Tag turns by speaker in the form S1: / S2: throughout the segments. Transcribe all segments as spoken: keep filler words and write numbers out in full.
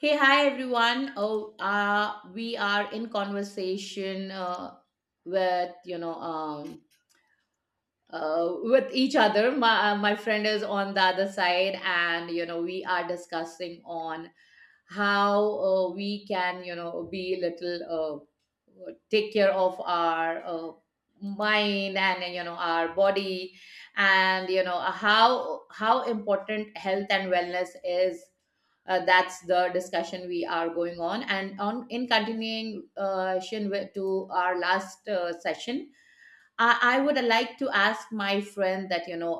S1: Hey, hi everyone. Oh, uh, we are in conversation uh, with you know um, uh, with each other. My uh, my friend is on the other side, and you know we are discussing on how uh, we can you know be little uh, take care of our uh, mind and you know our body and you know how how important health and wellness is, uh, that's the discussion we are going on and on in continuation with, to our last uh, session. I, I would like to ask my friend that, you know,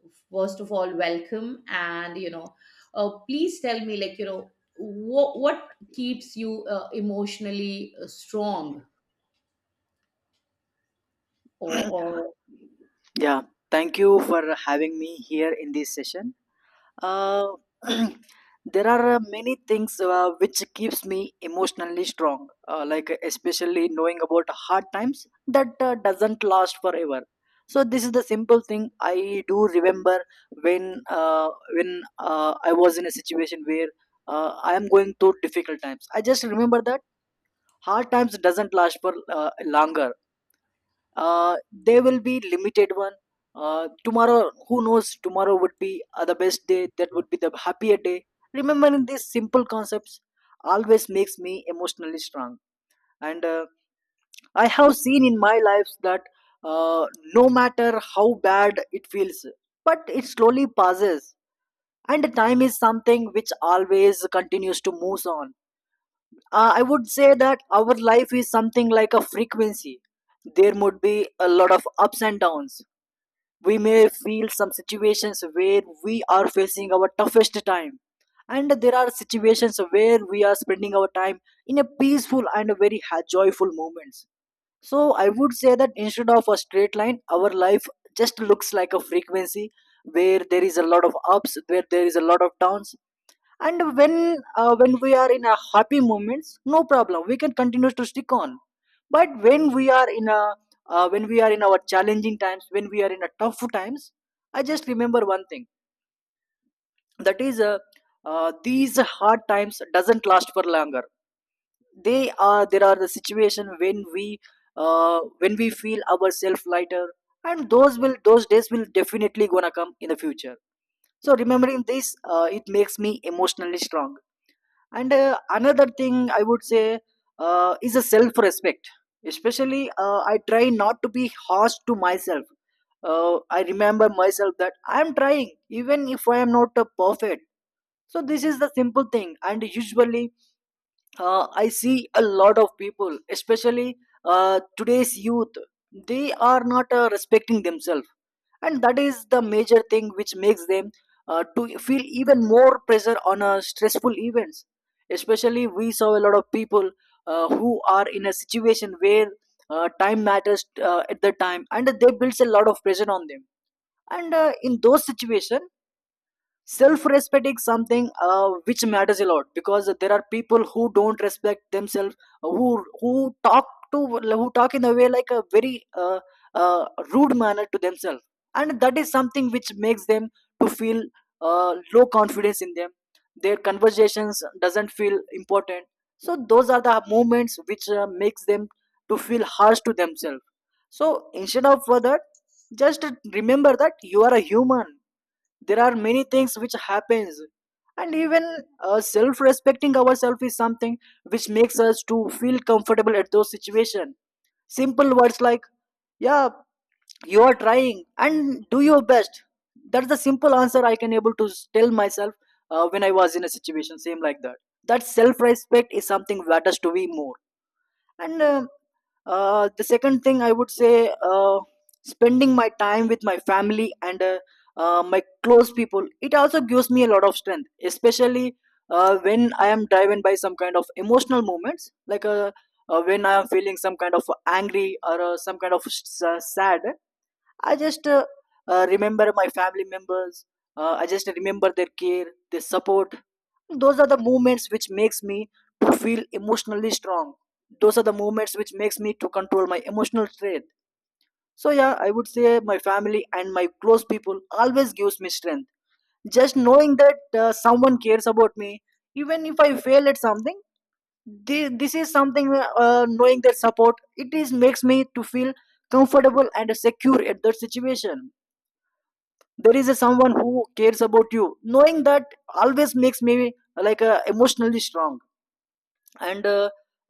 S1: uh, first of all, welcome. And, you know, uh, please tell me, like, you know, what, what keeps you uh, emotionally uh, strong or, or,
S2: Yeah, thank you for having me here in this session. Uh, there are uh, many things uh, which keeps me emotionally strong, uh, like especially knowing about hard times that uh, doesn't last forever. So this is the simple thing I do remember when uh, when uh, I was in a situation where uh, I am going through difficult times. I just remember that hard times doesn't last for uh, longer, uh, they will be limited one. Uh, tomorrow who knows, tomorrow would be uh, the best day, that would be the happier day. Remembering these simple concepts always makes me emotionally strong, and uh, I have seen in my life that, uh, no matter how bad it feels, but it slowly passes, and time is something which always continues to move on. uh, I would say that our life is something like a frequency. There would be a lot of ups and downs. We may feel some situations where we are facing our toughest time, and there are situations where we are spending our time in a peaceful and a very ha- joyful moments. So I would say that instead of a straight line, our life just looks like a frequency, where there is a lot of ups, where there is a lot of downs. And when uh, when we are in a happy moments, no problem, we can continue to stick on. But when we are in a uh, when we are in our challenging times, when we are in a tough times, I just remember one thing, that is, uh, uh, these hard times doesn't last for longer. They are, there are the situation when we, uh, when we feel ourselves lighter, and those will, those days will definitely gonna come in the future. So remembering this, uh, it makes me emotionally strong. And uh, another thing I would say, uh, is a self respect. Especially uh, I try not to be harsh to myself. uh, I remember myself that I am trying, even if I am not uh, perfect. So this is the simple thing. And usually uh, I see a lot of people, especially uh, today's youth, they are not uh, respecting themselves, and that is the major thing which makes them uh, to feel even more pressure on uh, stressful events. Especially we saw a lot of people uh, who are in a situation where uh, time matters uh, at the time, and they builds a lot of pressure on them. And uh, in those situation, self-respect is something, uh, which matters a lot, because there are people who don't respect themselves, uh, who who talk to who talk in a way like a very, uh, uh, rude manner to themselves. And that is something which makes them to feel uh, low confidence in them. Their conversations doesn't feel important. So those are the moments which uh, makes them to feel harsh to themselves. So instead of uh, that, just remember that you are a human. There are many things which happens, and even uh, self-respecting ourselves is something which makes us to feel comfortable at those situation. Simple words like, yeah, you are trying and do your best. That's the simple answer I can able to s- tell myself uh, when I was in a situation same like that, that self-respect is something matters to me more. And uh, uh, the second thing I would say, uh, spending my time with my family and uh, uh, my close people, it also gives me a lot of strength, especially uh, when I am driven by some kind of emotional moments, like uh, uh, when I am feeling some kind of angry or uh, some kind of s- uh, sad. I just uh, uh, remember my family members. Uh, I just remember their care, their support. Those are the moments which makes me to feel emotionally strong. Those are the moments which makes me to control my emotional state. So yeah, I would say my family and my close people always gives me strength. Just knowing that uh, someone cares about me, even if I fail at something, thi- this is something, uh, knowing that support, it is makes me to feel comfortable and secure at that situation. There is a someone who cares about you, knowing that always makes me like uh, emotionally strong. and uh,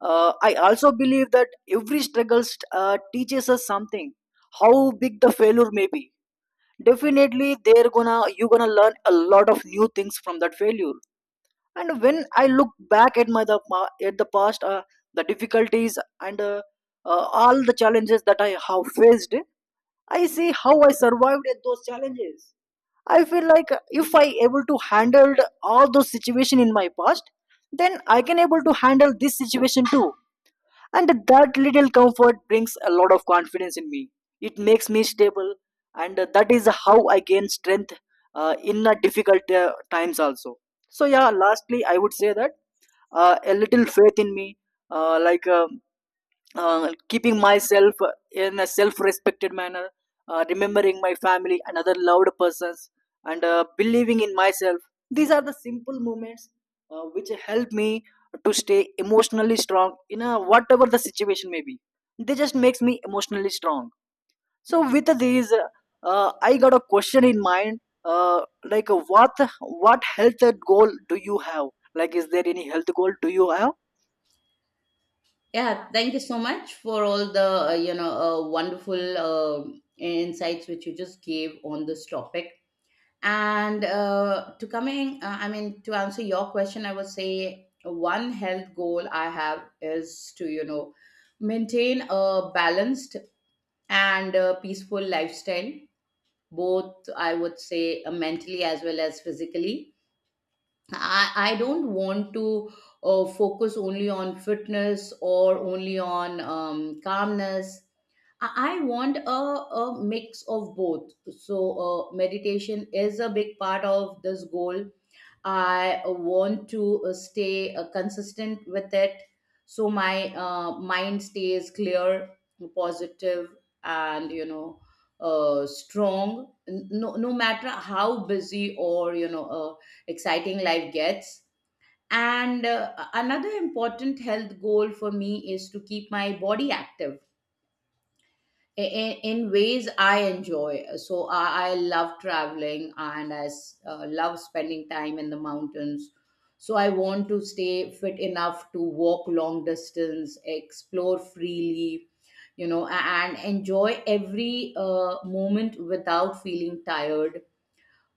S2: uh, I also believe that every struggle uh, teaches us something. How big the failure may be, definitely they're gonna, you're gonna learn a lot of new things from that failure. And when I look back at my the pa- at the past, uh, the difficulties and uh, uh, all the challenges that I have faced, I see how I survived at those challenges. I feel like, if I able to handle all those situation in my past, then I can able to handle this situation too. And that little comfort brings a lot of confidence in me. It makes me stable, and uh, that is how I gain strength uh, in uh, difficult uh, times also. So yeah, lastly, I would say that uh, a little faith in me, uh, like uh, uh, keeping myself in a self-respected manner, uh, remembering my family and other loved persons, and uh, believing in myself. These are the simple moments uh, which help me to stay emotionally strong in a, whatever the situation may be. They just makes me emotionally strong. So with these, uh, uh, I got a question in mind. Uh, like uh, what what health goal do you have? Like, is there any health goal do you have?
S1: yeah, thank you so much for all the, uh, you know, uh, wonderful uh, insights which you just gave on this topic. And uh, to coming uh, i mean to answer your question, I would say one health goal I have is to, you know, maintain a balanced and uh peaceful lifestyle, both I would say, uh, mentally as well as physically. I, I don't want to uh, focus only on fitness or only on um, calmness. I, I want a, a mix of both. So, uh, meditation is a big part of this goal. I want to uh, stay uh, consistent with it so my uh, mind stays clear, positive, and you know, uh, strong. N- No, no matter how busy or you know, uh, exciting life gets. And uh, another important health goal for me is to keep my body active in, in ways I enjoy. So I, I love traveling and I s- uh, love spending time in the mountains. So I want to stay fit enough to walk long distance, explore freely, you know, a- and enjoy every uh, moment without feeling tired.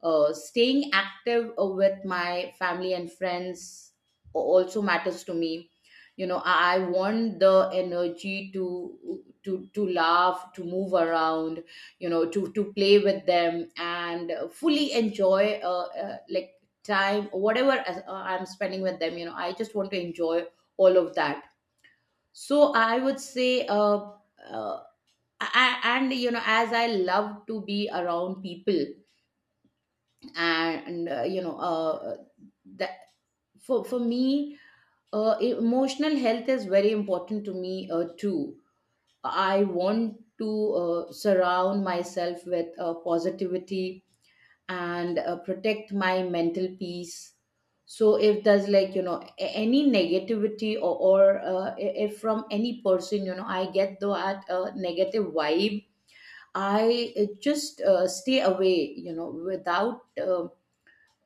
S1: uh, Staying active uh, with my family and friends a- also matters to me. You know, i I want the energy to to to laugh, to move around, you know, to to play with them and uh, fully enjoy uh, uh, like time whatever as- uh, I'm spending with them. You know, I just want to enjoy all of that. So I would say uh, uh, I, and you know, as I love to be around people and uh, you know uh, that for for me, uh, emotional health is very important to me uh, too. I want to uh, surround myself with uh, positivity and uh, protect my mental peace. So if there's like, you know, a- any negativity or, or uh, i- if from any person, you know, I get that uh, negative vibe, I uh, just uh, stay away, you know, without um,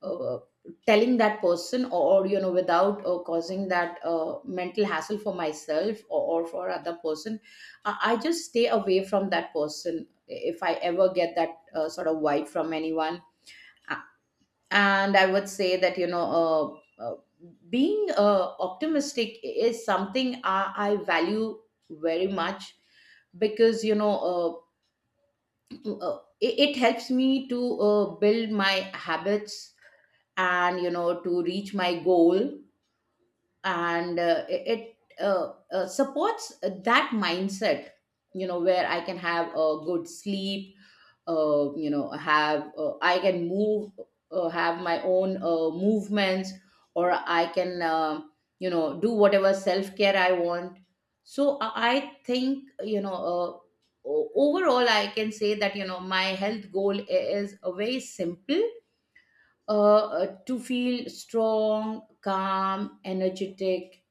S1: uh, telling that person or, you know, without uh, causing that uh, mental hassle for myself or, or for other person. I, I just stay away from that person if I ever get that uh, sort of vibe from anyone. A- and I would say that, you know uh, uh, being uh, optimistic is something I, I value very much. Because, you know uh, uh, it, it helps me to uh, build my habits and, you know, to reach my goal. And uh, it it, uh, uh, supports that mindset, you know, where I can have a good sleep, uh, you know, have uh, I can move, uh, have my own uh, movements, or I can, uh, you know, do whatever self care I want. So i I think, you know uh, o- overall I can say that, you know, my health goal i- is a very simple, uh, uh, to feel strong, calm, energetic,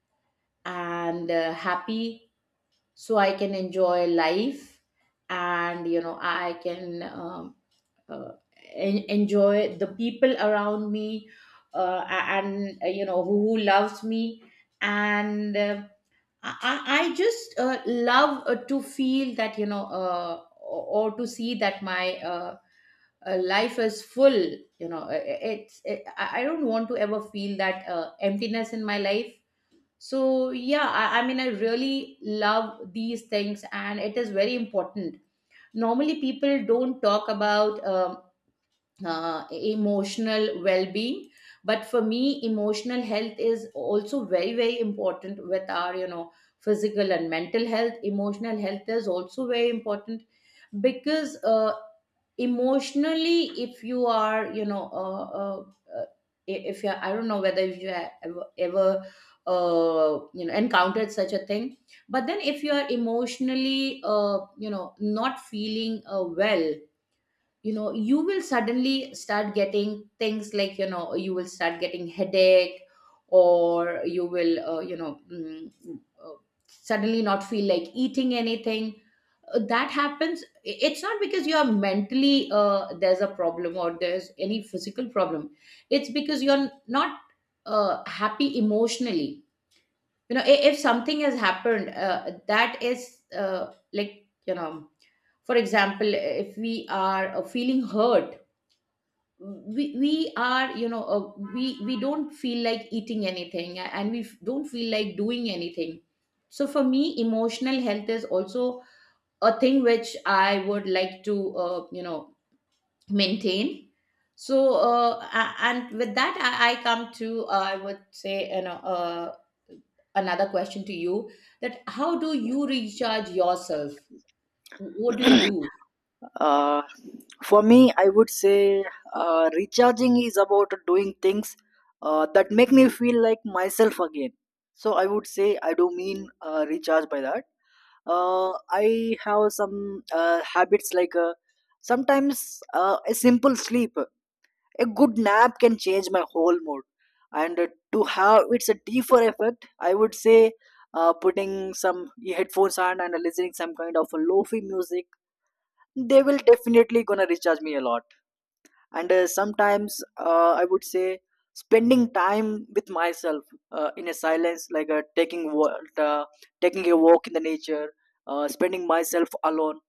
S1: and uh, happy, so I can enjoy life, and you know I can um, uh, en- enjoy the people around me uh, and, uh, you know, who, who loves me. And uh, I, I I just uh, love uh, to feel that, you know uh, or or to see that my uh, uh, life is full. You know uh, uh, it's uh, I I don't want to ever feel that uh, emptiness in my life. So yeah, I, I mean, I really love these things and it is very important. Normally people don't talk about um, uh, emotional well-being, but for me emotional health is also very very important. With our, you know, physical and mental health, emotional health is also very important. Because uh, emotionally, if you are, you know uh, uh, uh, if you are, I don't know whether you have ever, ever uh, you know encountered such a thing, but then if you are emotionally, uh, you know, not feeling uh, well, you know, you will suddenly start getting things like, you know, you will start getting headache, or you will, uh, you know, mm, uh, suddenly not feel like eating anything. Uh, that happens. I- it's not because you are mentally, uh, there's a problem or there's any physical problem. It's because you're not uh, happy emotionally. You know, i- if something has happened uh, that is uh, like you know for example, if we are uh, feeling hurt, we, we are, you know, uh, we we don't feel like eating anything, a- and we f- don't feel like doing anything. So for me emotional health is also a thing which I would like to, uh, you know, maintain. So uh, a- and with that i, I come to, uh, i would say, you know uh, another question to you, that how do you recharge yourself? What do you do?
S2: Uh, for me, I would say uh, recharging is about doing things uh, that make me feel like myself again. So I would say I do mean uh, recharge by that. Uh, I have some uh, habits like, uh, sometimes uh, a simple sleep, a good nap can change my whole mood. And uh, to have it's a deeper effect, I would say uh, putting some headphones on and listening some kind of a lofi music, they will definitely gonna recharge me a lot. And uh, sometimes uh, I would say spending time with myself uh, in a silence, like uh, taking wa- uh, taking a walk in the nature, uh, spending myself alone,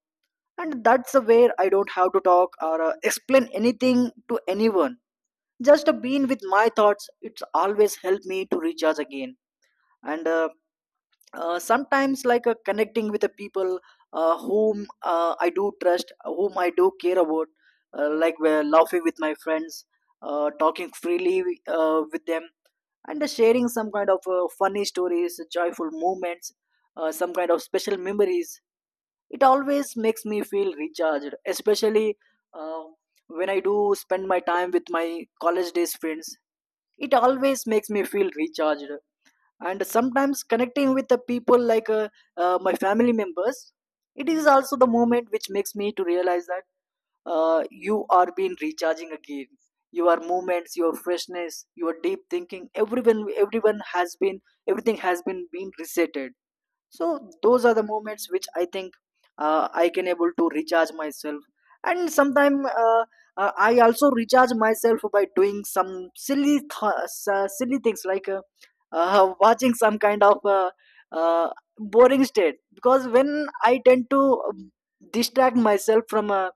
S2: and that's the where I don't have to talk or uh, explain anything to anyone. Just uh, being with my thoughts, it's always helped me to recharge again. And uh, uh, sometimes like uh, connecting with the people uh, whom uh, I do trust, whom I do care about, uh, like we're laughing with my friends, uh, talking freely uh, with them, and uh, sharing some kind of uh, funny stories, joyful moments, uh, some kind of special memories. It always makes me feel recharged, especially uh, when I do spend my time with my college days friends. It always makes me feel recharged. And sometimes connecting with the people like uh, uh, my family members, it is also the moment which makes me to realize that uh, you are being recharging again. Your movements, your freshness, your deep thinking, everyone everyone has been, everything has been being resetted. So those are the moments which I think uh, I can able to recharge myself. And sometime uh, uh, I also recharge myself by doing some silly th- uh, silly things, like uh, uh, watching some kind of uh, uh, boring state, because when I tend to um, distract myself from uh,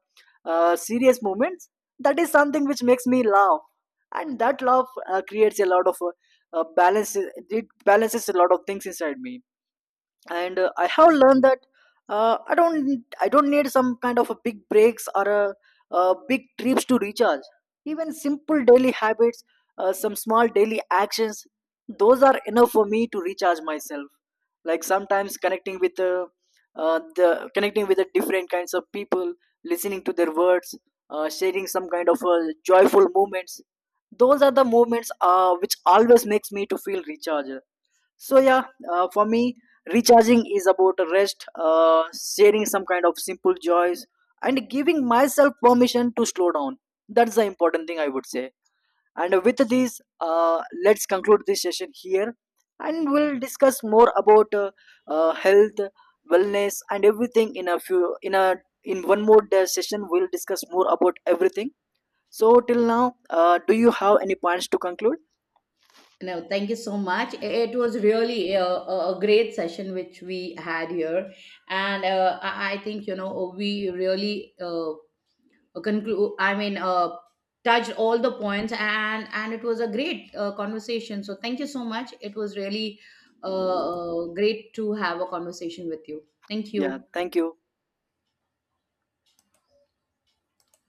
S2: uh, serious moments, that is something which makes me laugh, and that laugh uh, creates a lot of uh, uh, balance it balances a lot of things inside me. And uh, I have learned that uh, i don't I don't need some kind of a big breaks or a, uh big trips to recharge. Even simple daily habits, uh, some small daily actions, those are enough for me to recharge myself. Like sometimes connecting with uh, uh, the connecting with the different kinds of people, listening to their words, uh, sharing some kind of uh, joyful moments. Those are the moments uh, which always makes me to feel recharged. So yeah, uh, for me, recharging is about rest, uh, sharing some kind of simple joys, and giving myself permission to slow down. That's the important thing I would say. And with this, uh, let's conclude this session here, and we'll discuss more about uh, uh, health, wellness, and everything in a few in a, in one more day session. We'll discuss more about everything. So till now, uh, do you have any points to conclude?
S1: No, thank you so much. It was really a, a a great session which we had here, and uh, I I think, you know, we really uh, conclude, I mean, uh, touched all the points, and and it was a great uh, conversation. So thank you so much. It was really uh, uh, great to have a conversation with you. Thank
S2: Yeah,
S1: you.
S2: thank you.